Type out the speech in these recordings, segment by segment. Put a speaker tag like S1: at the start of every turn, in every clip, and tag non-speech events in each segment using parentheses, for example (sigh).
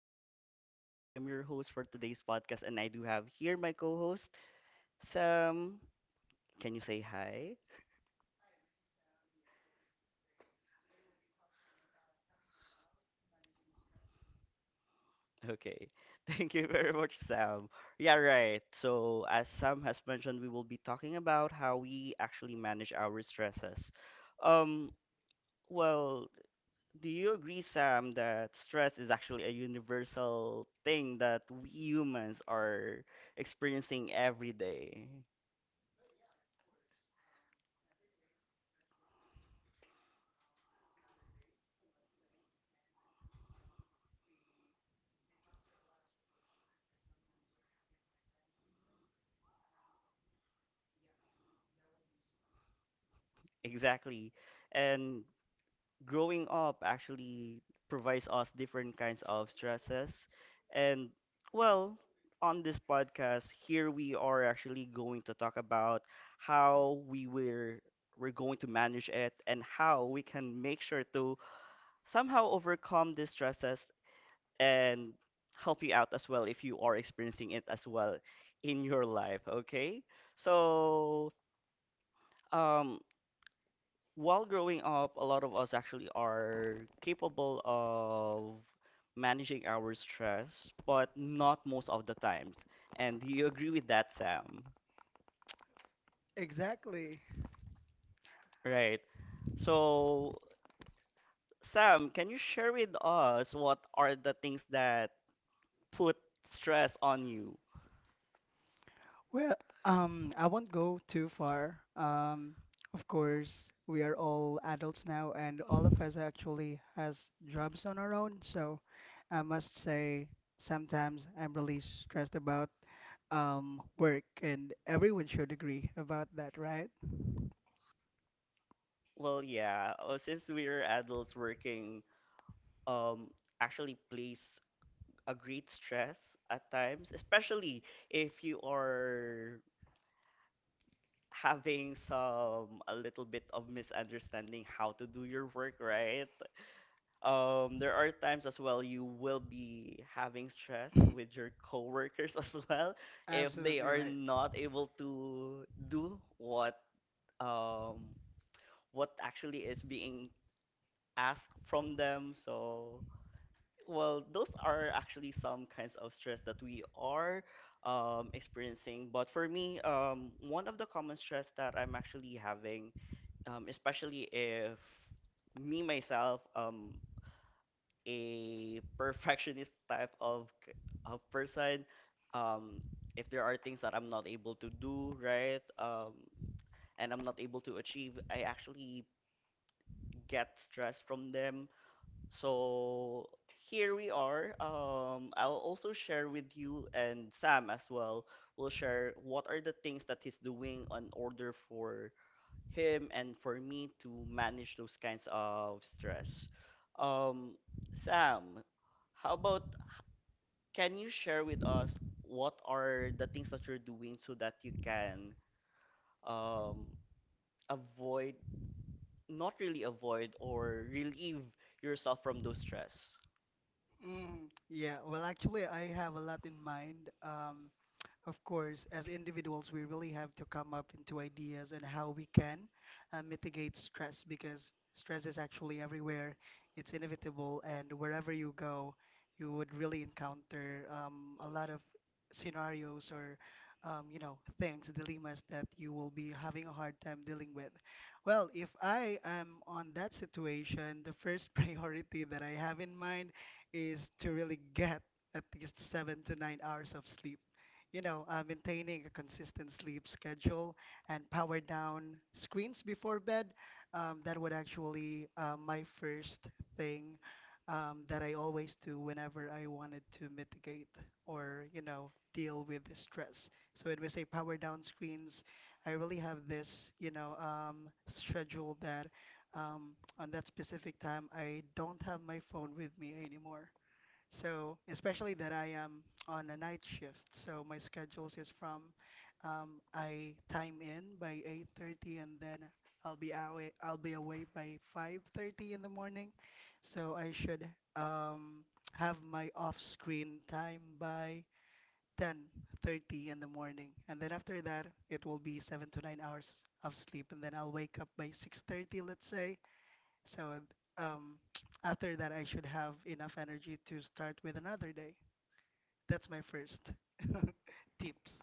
S1: is Ron. I'm your host for today's podcast, and I do have here my co host, Sam. Can you say hi? Okay. (laughs) Thank you very much, Sam. Yeah, right. So, as Sam has mentioned, we will be talking about how we actually manage our stresses. Um, well, do you agree, Sam, that stress is actually a universal thing that we humans are experiencing every day? Exactly. And growing up actually provides us different kinds of stresses. And well, on this podcast, here we are actually going to talk about how we were we're going to manage it and how we can make sure to somehow overcome these stresses and help you out as well if you are experiencing it as well in your life, okay? So, um, while growing up, a lot of us actually are capable of managing our stress, but not most of the times. And do you agree with that, Sam?
S2: Exactly.
S1: Right. So, Sam, can you share with us what are the things that put stress on you?
S2: Well, I won't go too far. Of course, we are all adults now, and all of us actually has jobs on our own. So, I must say, sometimes I'm really stressed about work, and everyone should agree about that, right?
S1: Well, yeah, since we're adults working, um, actually place a great stress at times, especially if you are having some a little bit of misunderstanding how to do your work, right? There are times as well you will be having stress with your coworkers (laughs) as well if they
S2: Absolutely
S1: are
S2: right.
S1: not able to do um what actually is being asked from them. So, well, those are actually some kinds of stress that we are experiencing. But for me, one of the common stress that I'm actually having especially if me myself a (laughs) perfectionist type of of person um if there are things that I'm not able to do right and I'm not able to achieve, I actually get stress from them. So here we are, I'll also share with you, and Sam as well will share what are the things that he's doing on order for him and for me to manage those kinds of stress. Um, Sam, how about can you share with us what are the things that you're doing so that you can um, avoid, not really avoid, or relieve yourself from those stress?
S2: Mm, yeah, well, actually, I have a lot in mind. Of course, as individuals, we really have to come up into ideas and how we can mitigate stress because stress is actually everywhere. It's inevitable, and wherever you go, you would really encounter a lot of scenarios or things, dilemmas that you will be having a hard time dealing with. Well, if I am on that situation, the first (laughs) priority that I have in mind is to really get at least 7 to 9 hours of sleep. Maintaining a consistent sleep schedule and power down screens before bed. That would actually my first thing that I always do whenever I wanted to mitigate or deal with the stress. So when we say power down screens, I really have this schedule that on that specific time I don't have my phone with me anymore. So, especially that I am on a night shift. So my schedules is from I time in by 8:30 and then I'll be away by 5:30 in the morning. So I should um, have my off-screen time by 10:30 in the morning. And then after that, it will be 7 to 9 hours of sleep and then I'll wake up by 6:30, let's say, so um, after that, I should have enough energy to start with another day. That's my first (laughs) tips.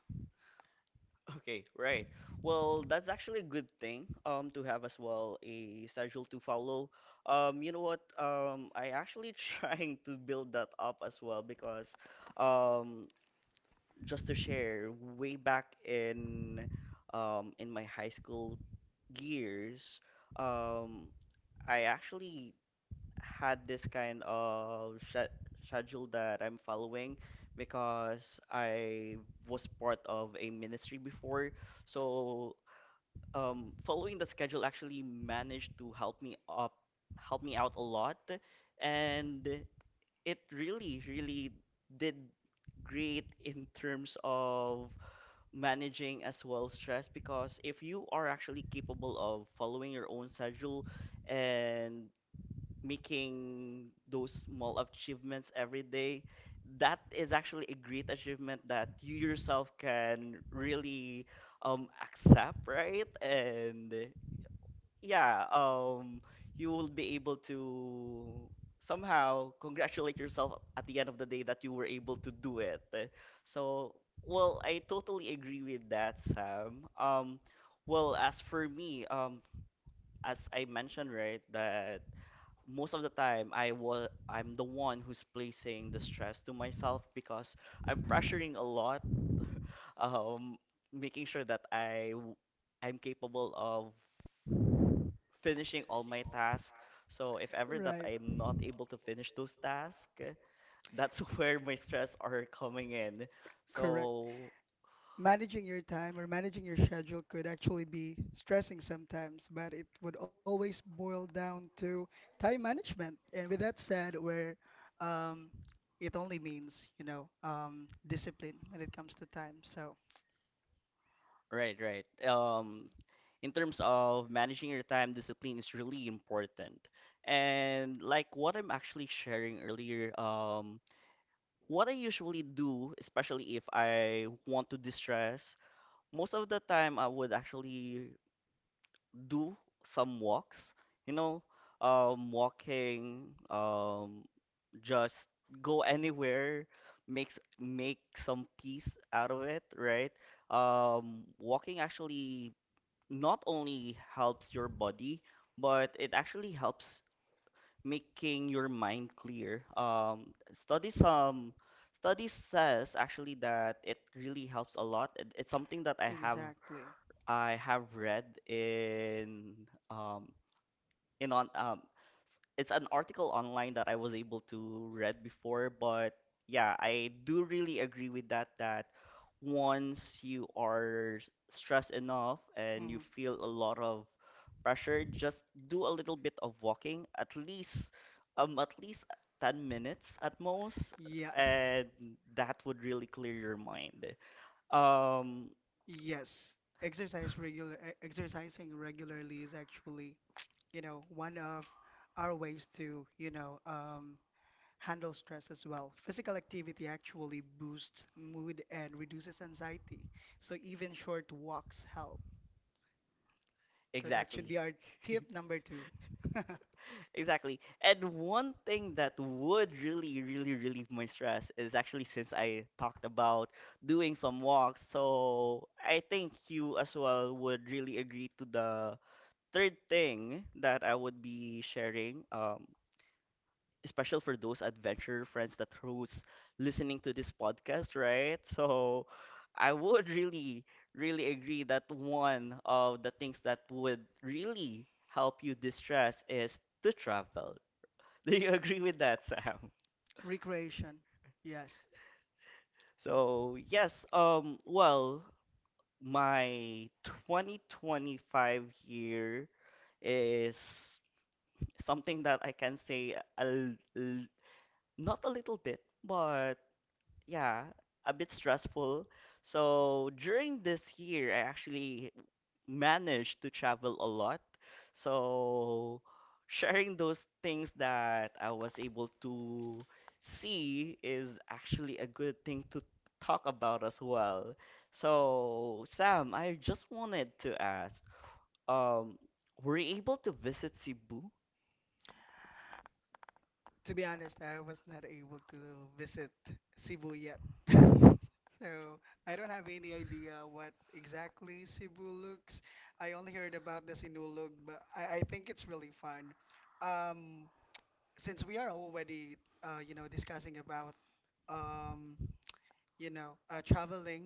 S1: Okay, right. Well, that's actually a good thing to have as well a schedule to follow. You know what? I actually (laughs) trying to build that up as well because um just to share, way back in my high school years, um I actually had this kind of schedule that I'm following because I was part of a ministry before. So following the schedule actually managed to help help me out a lot, and it really, really did great in terms of managing as well stress, because if you are actually capable of following your own schedule and making those small achievements every day, that is actually a great achievement that you yourself can really accept, right? And yeah, you will be able to somehow congratulate yourself at the end of the day that you were able to do it. Eh, so, well, I totally agree with that, Sam. Well, as for me, as I mentioned, right, that most of the time I'm the one who's placing the stress to myself because I'm pressuring a lot, um, making sure that I'm capable of finishing all my tasks. So if ever that
S2: Right.
S1: I'm not able to finish those tasks, that's (laughs) where my stress are coming in.
S2: Correct.
S1: So
S2: Managing your time or managing your schedule could actually be stressing sometimes, but it would always boil down to time management. And with that said, where um, it only means, discipline when it comes to time. So
S1: right, right. In terms of managing your time, discipline is really important. And like what I'm actually sharing earlier, what I usually do, especially if I want to distress, most of the time I would actually do some walks, you know, walking, just go anywhere, make some peace out of it, right? Walking actually not only helps your body, but it actually helps making your mind clear. Studies um studies says actually that it really helps a lot. It's something that
S2: exactly.
S1: I have read um in on it's an article online that I was able to read before, but yeah, I do really agree with that that once you are stressed enough and you
S2: Hmm.
S1: feel a lot of pressure, just do a little bit of walking, at least 10 minutes at most,
S2: Yeah.
S1: and that would really clear your mind. Um,
S2: Yes. Exercising regularly is actually, one of our ways to, handle stress as well. Physical activity actually boosts mood and reduces anxiety. So even short walks help. So that should
S1: exactly.
S2: be our tip number two.
S1: Exactly. And one thing that would really, really relieve my stress is actually since I talked about doing some walks. So I think you as well would really agree to the third thing that I would be sharing, especially for those adventure friends that who's listening to this podcast, right? So I would really, really agree that one of the things that would really help you distress is to travel. (laughs) Do you agree with that, Sam?
S2: (laughs) Recreation. Yes.
S1: So, yes, well, my 2025 year is something that I can say not a little bit, but yeah, a bit stressful. So, during this year, I actually managed to travel a lot. So sharing those things that I was able to see is actually a good thing to talk about as well. So Sam, I just wanted to ask, um, were you able to visit Cebu?
S2: To be honest, I was not able to visit Cebu yet. (laughs) So I don't have any idea what exactly Cebu looks. I only heard about the Sinulog, but I think it's really fun. Um, since we are already, discussing about, um, traveling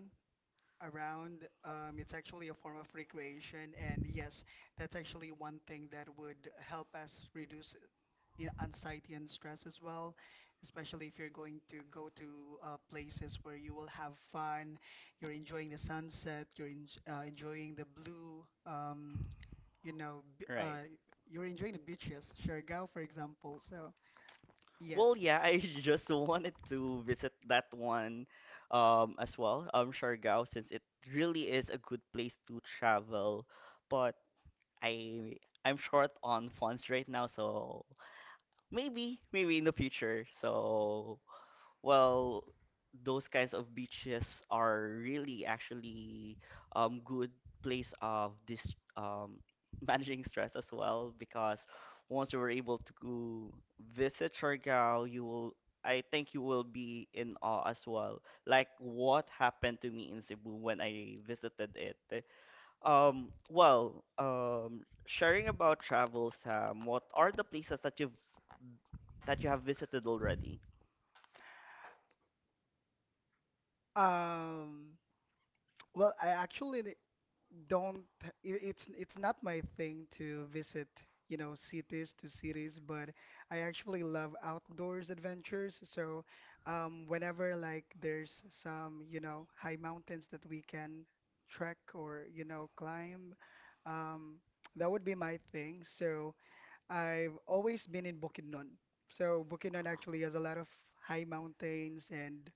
S2: around. It's actually a form of recreation, and yes, that's actually one thing that would help us reduce anxiety and stress as well, especially if you're going to go to places where you will have fun, you're enjoying the sunset, you're en enjoying the blue, you know, b
S1: Right.
S2: you're enjoying the beaches, Siargao, for example. So, yes.
S1: Well,
S2: Um,
S1: yeah, I (laughs) just wanted to visit that one as well, Siargao, since it really is a good place to travel. But I I'm short on funds right now, so maybe in the future. So well, those kinds of beaches are really actually good place of this (laughs) managing stress as well, because once you were able to visit Siargao, you will I think you will be in awe as well. Like what happened to me in Cebu when I visited it. Well, sharing about travel, Sam, what are the places that you've that you have visited already?
S2: well, I actually don't it's not my thing to visit cities to cities, but I actually love outdoors adventures. So whenever, like, there's some high mountains that we can trek or climb, um that would be my thing. So I've always been in Bukidnon, so Bukidnon actually has a lot of high mountains, and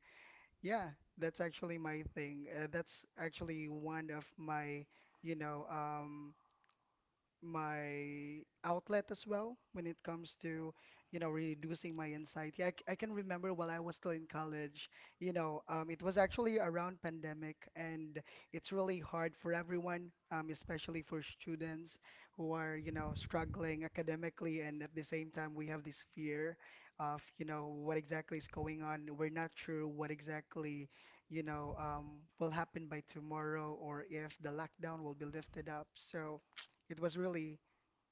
S2: yeah, that's actually my thing. That's actually one of you know, um, my outlet as well when it comes to reducing my anxiety. I can remember while I was still in college, it was actually around pandemic, and it's really hard for everyone, especially for students who are struggling academically, and at the same time we have this fear of what exactly is going on. We're not sure what exactly will happen by tomorrow or if the lockdown will be lifted up. So it was really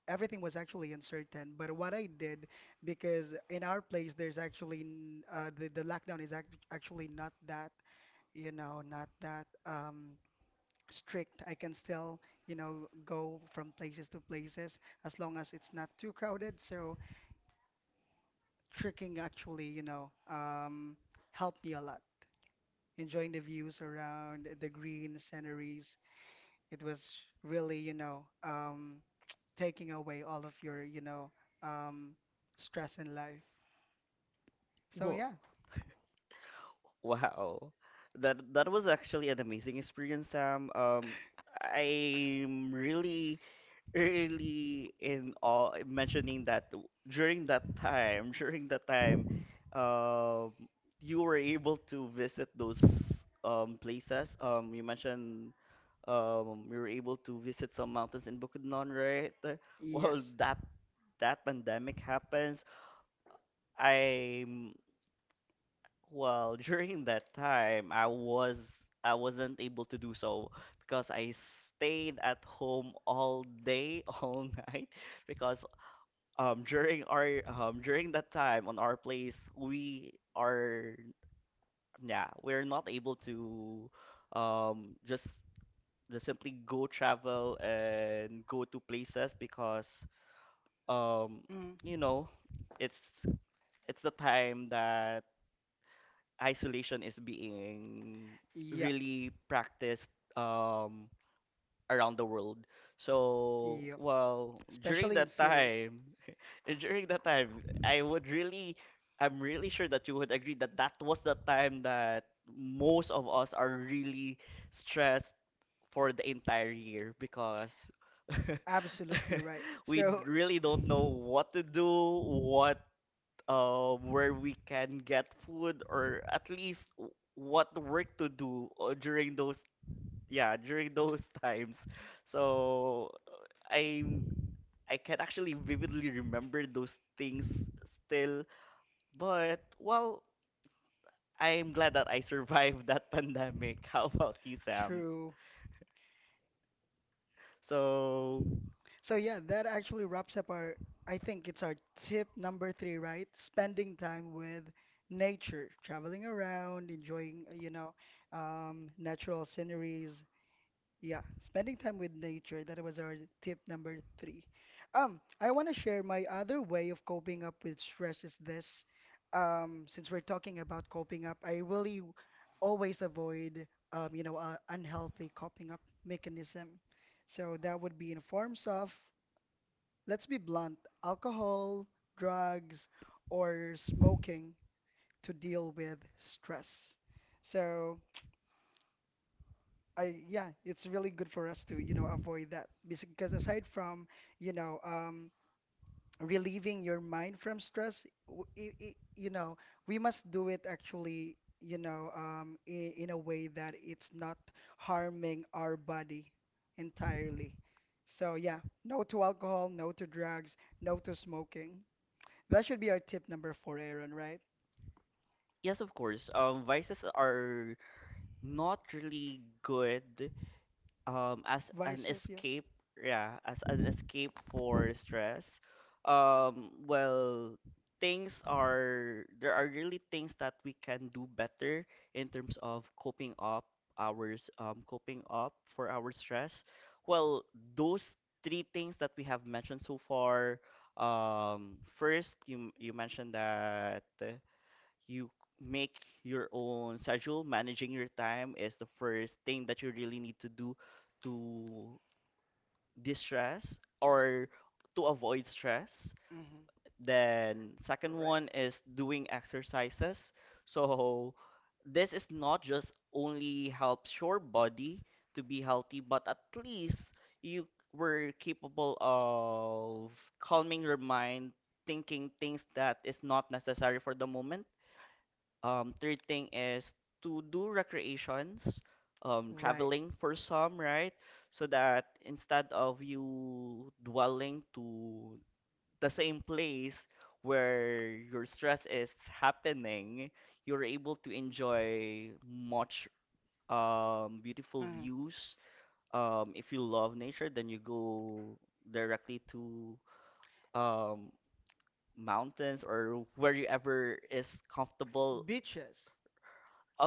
S2: everything was actually uncertain. But what I did, because in our place there's actually the lockdown is actually not that strict. I can still go from places to places as long as it's not too crowded. So trekking actually helped me a lot. Enjoying the views around the green sceneries, it was really, (tsk) taking away all of your, um, stress in life. So
S1: Whoa,
S2: yeah,
S1: wow. That that was actually an amazing experience, Sam. I'm really, really in awe mentioning that during that time, (laughs) during that time, um, you were able to visit those places. You mentioned um, we were able to visit some mountains in Bukidnon, right? (laughs) Well,
S2: yes.
S1: that that pandemic happens. I'm well, (laughs) during that time, I wasn't able to do so because I stayed at home all day, (laughs) all night, because during that time on our place, we are yeah, we're not able to um just just simply go travel and go to places because um
S2: Mm,
S1: you know, it's it's the time that isolation is being
S2: yep,
S1: really practiced um around the world. So
S2: yep.
S1: well during
S2: Especially in
S1: that
S2: cities.
S1: time (laughs) during that time I would really, I'm really sure that you would agree that that was the time that most of us are really stressed for the entire year because (laughs)
S2: Absolutely right.
S1: we
S2: So,
S1: really
S2: (laughs)
S1: don't know what to do, what where we can get food, or at least what work to do during those yeah during those (laughs) times. So I'm I can actually vividly remember those things still, but well. I'm glad that I (laughs) survived that pandemic. (laughs) How about you, Sam?
S2: true.
S1: So,
S2: So yeah, that actually wraps up our, I think it's our tip number three, right? Spending time with nature, traveling around, enjoying, natural sceneries. Yeah, spending time with nature. That was our tip number three. I want to share my other way of coping up with stress is this. Since we're talking about coping up, I really always avoid, unhealthy coping up mechanism. So that would be in forms of, let's be blunt, alcohol, drugs, or smoking to deal with stress. So, yeah, it's really good for us to, avoid that because aside from, you know, um, relieving your mind from stress, we must do it actually, in a way that it's not harming our body entirely. So, yeah, no to alcohol, no to drugs, no to smoking. That should be our tip number four, Aaron, right?
S1: yes, of course. Vices are not really good as an
S2: Vices, yes.
S1: escape yeah as an escape for stress. um well Things are there are really things that we can do better in terms of coping up ours coping up for our stress. Well, those three things that we have mentioned so far, first, you mentioned that you make your own schedule. Managing your time is the first thing that you really need to do to distress or to avoid stress.
S2: Hmm.
S1: Then second
S2: Right.
S1: one is doing exercises. So this is not just only helps your body to be healthy, but at least you were capable of calming your mind, thinking things that is not necessary for the moment. Um, third thing is to do recreations,
S2: Right.
S1: traveling for some, right? So that instead of you dwelling to the same place where your stress is happening, you're able to enjoy much beautiful
S2: Mhm.
S1: views. If you love nature, then you go directly to um, mountains or wherever is comfortable,
S2: Beaches.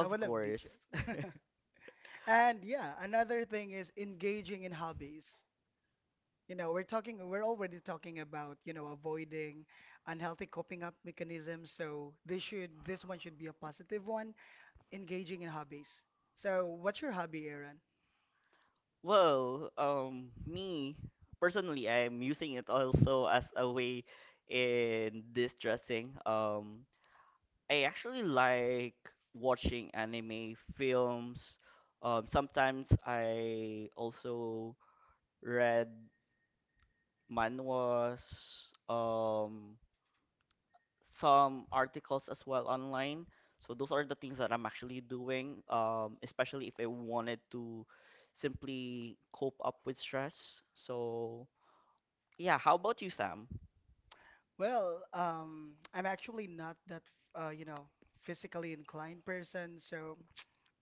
S2: I would love
S1: course.
S2: beaches. (laughs) And yeah, another thing is engaging in hobbies. We're already talking about, avoiding unhealthy coping up mechanisms. So this one should be a positive one. Engaging in hobbies. So, what's your hobby, Aaron?
S1: Well, me personally, I'm using it also as a way in distressing. I actually like watching anime films. Sometimes I also read manhwas, um, some articles as well online. So those are the things that I'm actually doing, especially if I wanted to simply cope up with stress. So yeah, how about you, Sam?
S2: Well, I'm actually not that, uh, you know, physically inclined person. So,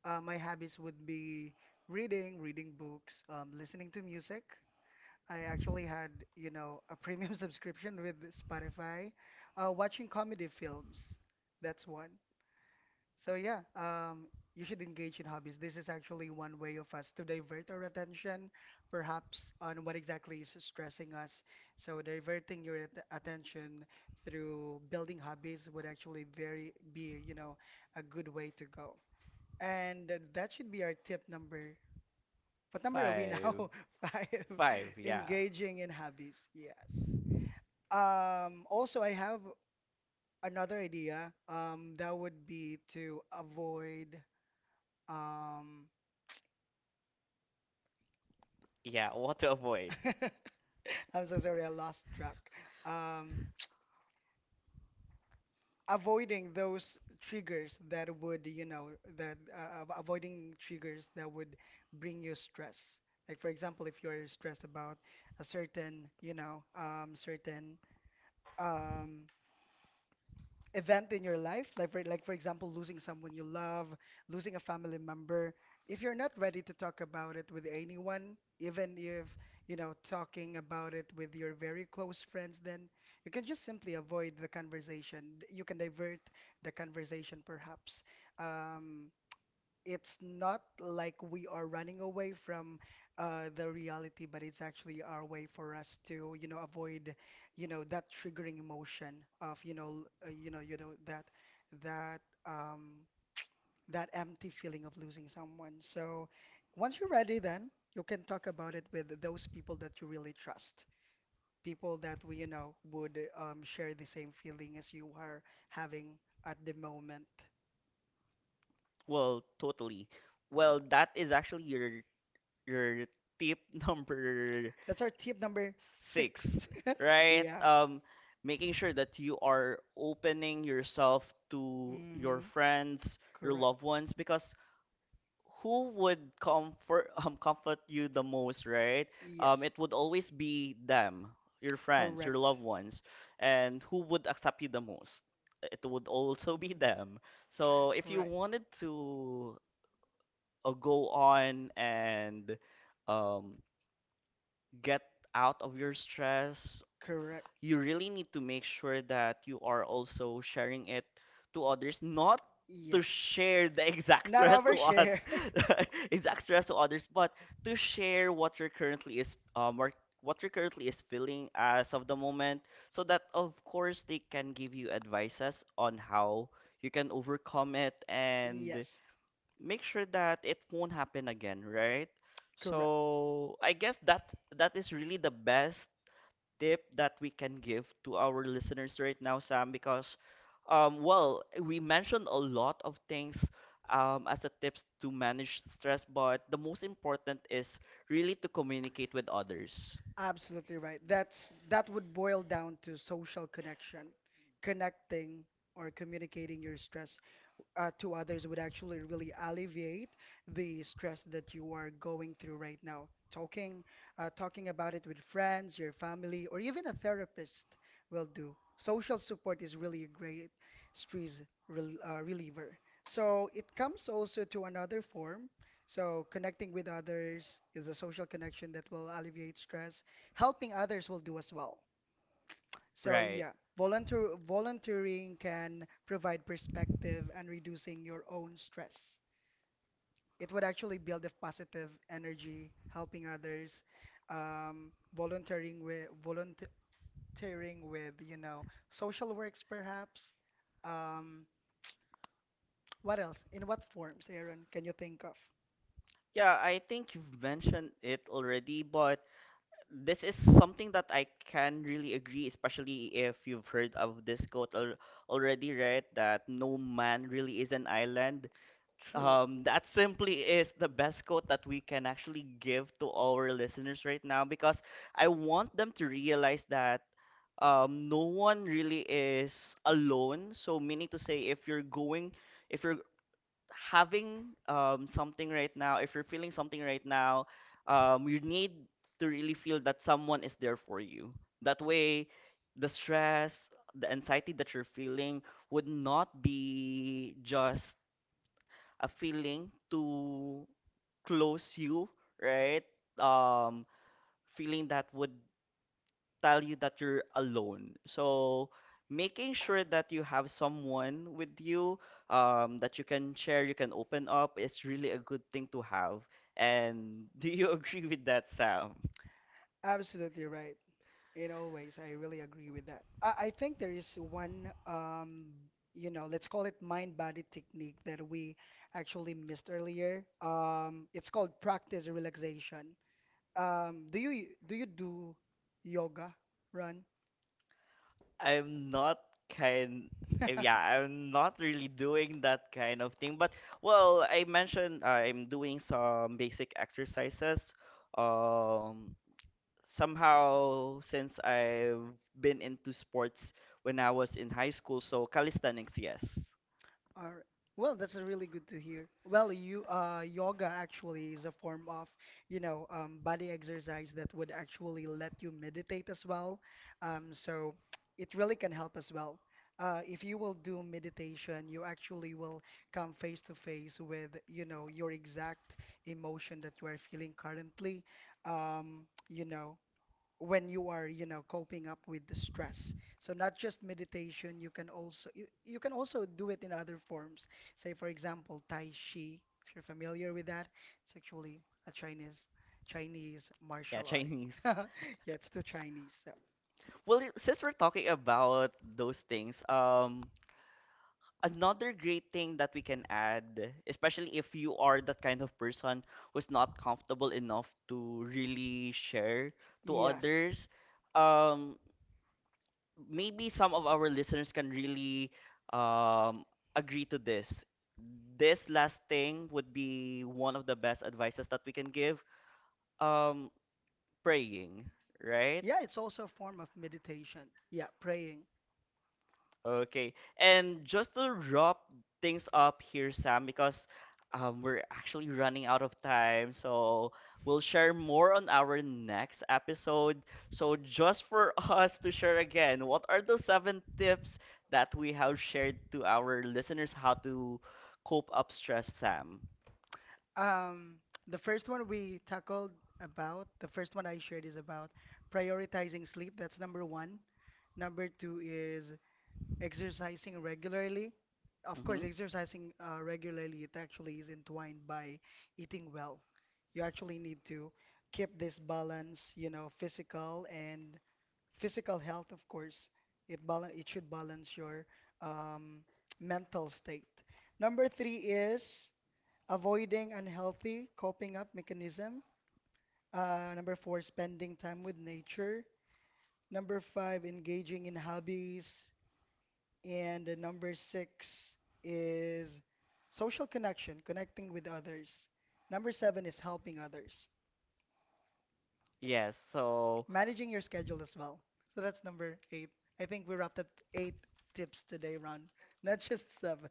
S2: my hobbies would be reading, books, listening to music. I actually had, a premium (laughs) subscription with Spotify, watching comedy films. That's one. So yeah, you should engage in hobbies. This is actually one way of us to divert our attention, perhaps on what exactly is stressing us. So diverting your at attention through building hobbies would actually very be, a good way to go. And that should be our tip number. What number are we
S1: Five.
S2: now? (laughs) Five. Five,
S1: Five,
S2: yeah.
S1: yeah.
S2: Engaging in hobbies. Yes. Also, I have another idea. That would be to avoid. Um,
S1: Yeah, (laughs) what to avoid?
S2: (laughs) I'm so sorry, I lost track. Um, Avoiding those triggers that would, avoiding triggers that would bring you stress. Like, for example, if you're stressed about a certain, certain um, event in your life, like, for example, losing someone you love, losing a family member. If you're not ready to talk about it with anyone, even if talking about it with your very close friends, then you can just simply avoid the conversation. You can divert the conversation, perhaps. Um, it's not like we are running away from the reality, but it's actually our way for us to, avoid, that triggering emotion of, you know, l- you know that that um, that empty feeling of losing someone. So once you're ready, then you can talk about it with those people that you really trust, people that we, would share the same feeling as you are having at the moment.
S1: Well, totally. Well, that is actually your tip (laughs) number
S2: That's our tip number
S1: six,
S2: six. (laughs)
S1: right?
S2: Yeah.
S1: Making sure that you are opening yourself to your
S2: Mm-hmm.
S1: friends, your
S2: Correct.
S1: loved ones, because who would comfort (laughs) comfort you the most, right?
S2: Yes.
S1: It would always be them, your friends,
S2: Correct.
S1: your loved ones, and who would accept you the most? It would also be them. So if you
S2: Right.
S1: wanted to go on and um, get out of your stress,
S2: Correct.
S1: you really need to make sure that you are also sharing it to others, not to
S2: Yes.
S1: share the exact (laughs)
S2: Not
S1: stress to others,
S2: overshare. (laughs)
S1: (laughs) exact stress to others, but to share what you're currently is or what you're currently is feeling as of the moment, so that of course they can give you advices on how you can overcome it and
S2: Yes.
S1: make sure that it won't happen again, right?
S2: Correct.
S1: So I guess that is really the best tip that we can give to our listeners right now, Sam? Because, well, we mentioned a lot of things as a tips to manage stress, but the most important is really to communicate with others.
S2: Absolutely right. That would boil down to social connection, connecting or communicating your stress to others would actually really alleviate the stress that you are going through right now. Talking about it with friends, your family, or even a therapist will do. Social support is really a great stress reliever. So it comes also to another form. So connecting with others is a social connection that will alleviate stress. Helping others will do as well. So
S1: Right.
S2: yeah, volunteering can provide perspective and reducing your own stress. It would actually build a positive energy, helping others, volunteering with, social works perhaps. Um, what else? In what forms, Aaron, can you think of?
S1: Yeah, I think you've mentioned it already, but this is something that I can really agree, especially if you've heard of this quote al already, right? That no man really is an island.
S2: True.
S1: That simply is the best quote that we can actually give to our listeners right now because I want them to realize that no one really is alone. So, meaning to say, if you're having something right now, if you're feeling something right now, you need to really feel that someone is there for you. That way, the stress, the anxiety that you're feeling would not be just a feeling to close you, right? Um, Feeling that would tell you that you're alone. So making sure that you have someone with you that you can share, you can open up is really a good thing to have. And do you (laughs) agree with that, Sam?
S2: Absolutely right. I really agree with that. I think there is one, let's call it mind-body technique that we actually missed earlier. It's called practice relaxation. Do you do you do yoga, run?
S1: I'm not kind. Yeah, I'm not really doing that kind of thing.
S2: (laughs)
S1: But well, I mentioned I'm doing some basic exercises. Um, Somehow since I've been into sports when I was in high school, so calisthenics, yes.
S2: All right. Well, that's a really good to hear. Well, you yoga actually is a form of, body exercise that would actually let you meditate as well. So it really can help as well. If you will do meditation, you actually will come face to face with, your exact emotion that you are feeling currently. Um, you know, when you are coping up with the stress, so not just meditation, you can also do it in other forms, say for example tai chi if you're familiar with that. It's actually a Chinese
S1: Yeah, (laughs)
S2: martial art.
S1: Chinese.
S2: (laughs) Yeah, it's the Chinese. So
S1: Well, since we're talking about those things, another great thing that we can add, especially if you are that kind of person who's not comfortable enough to really share to
S2: yes,
S1: others, um. Maybe some of our listeners can really um, agree to this. This last thing would be one of the best advices that we can give. Um, Praying, right?
S2: yeah, it's also a form of meditation. Yeah, praying.
S1: Okay. And just to wrap things up here, Sam, because we're actually running out of time. So we'll share more on our next episode. So, just for (laughs) us to share again, what are the seven tips that we have shared to our listeners how to cope up stress, Sam?
S2: um the first one we tackled about the first one I shared is about prioritizing sleep. That's number one. Number two is exercising regularly. Of
S1: Mm-hmm.
S2: course, exercising regularly, it actually is entwined by eating well. You actually need to keep this balance, physical health. Of course, it should balance your um, mental state. Number three is avoiding unhealthy coping up mechanism. Number four, spending time with nature. Number five, engaging in hobbies. And the number six is social connection, connecting with others. Number seven is helping others,
S1: Yes. So,
S2: managing your schedule as well. So that's number eight. I think we wrapped up eight tips today, Ron, not just seven.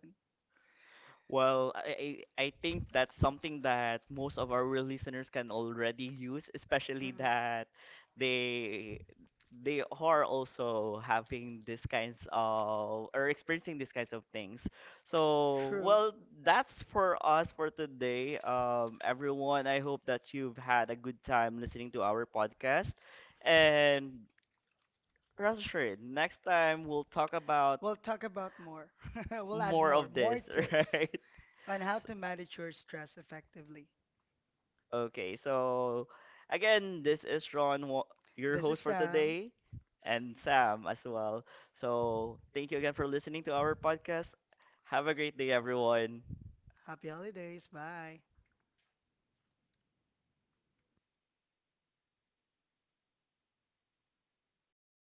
S1: well, I think that's something that most of our listeners can already use, especially
S2: Mm-mm.
S1: that they they are also having these kinds of or experiencing these kinds of things. So,
S2: True.
S1: well, that's for us for today. Everyone, I hope that you've had a good time listening to our podcast. And rest assured, next time we'll talk about
S2: We'll talk about more. (laughs) We'll add
S1: more
S2: more,
S1: of
S2: more
S1: this, (laughs)
S2: tips
S1: right?
S2: on how to manage your stress effectively.
S1: Okay, so again, this is Ron, your
S2: This is
S1: host for
S2: Sam.
S1: today, and Sam as well. So thank you again for listening to our podcast. Have a great day, everyone.
S2: Happy holidays. Bye.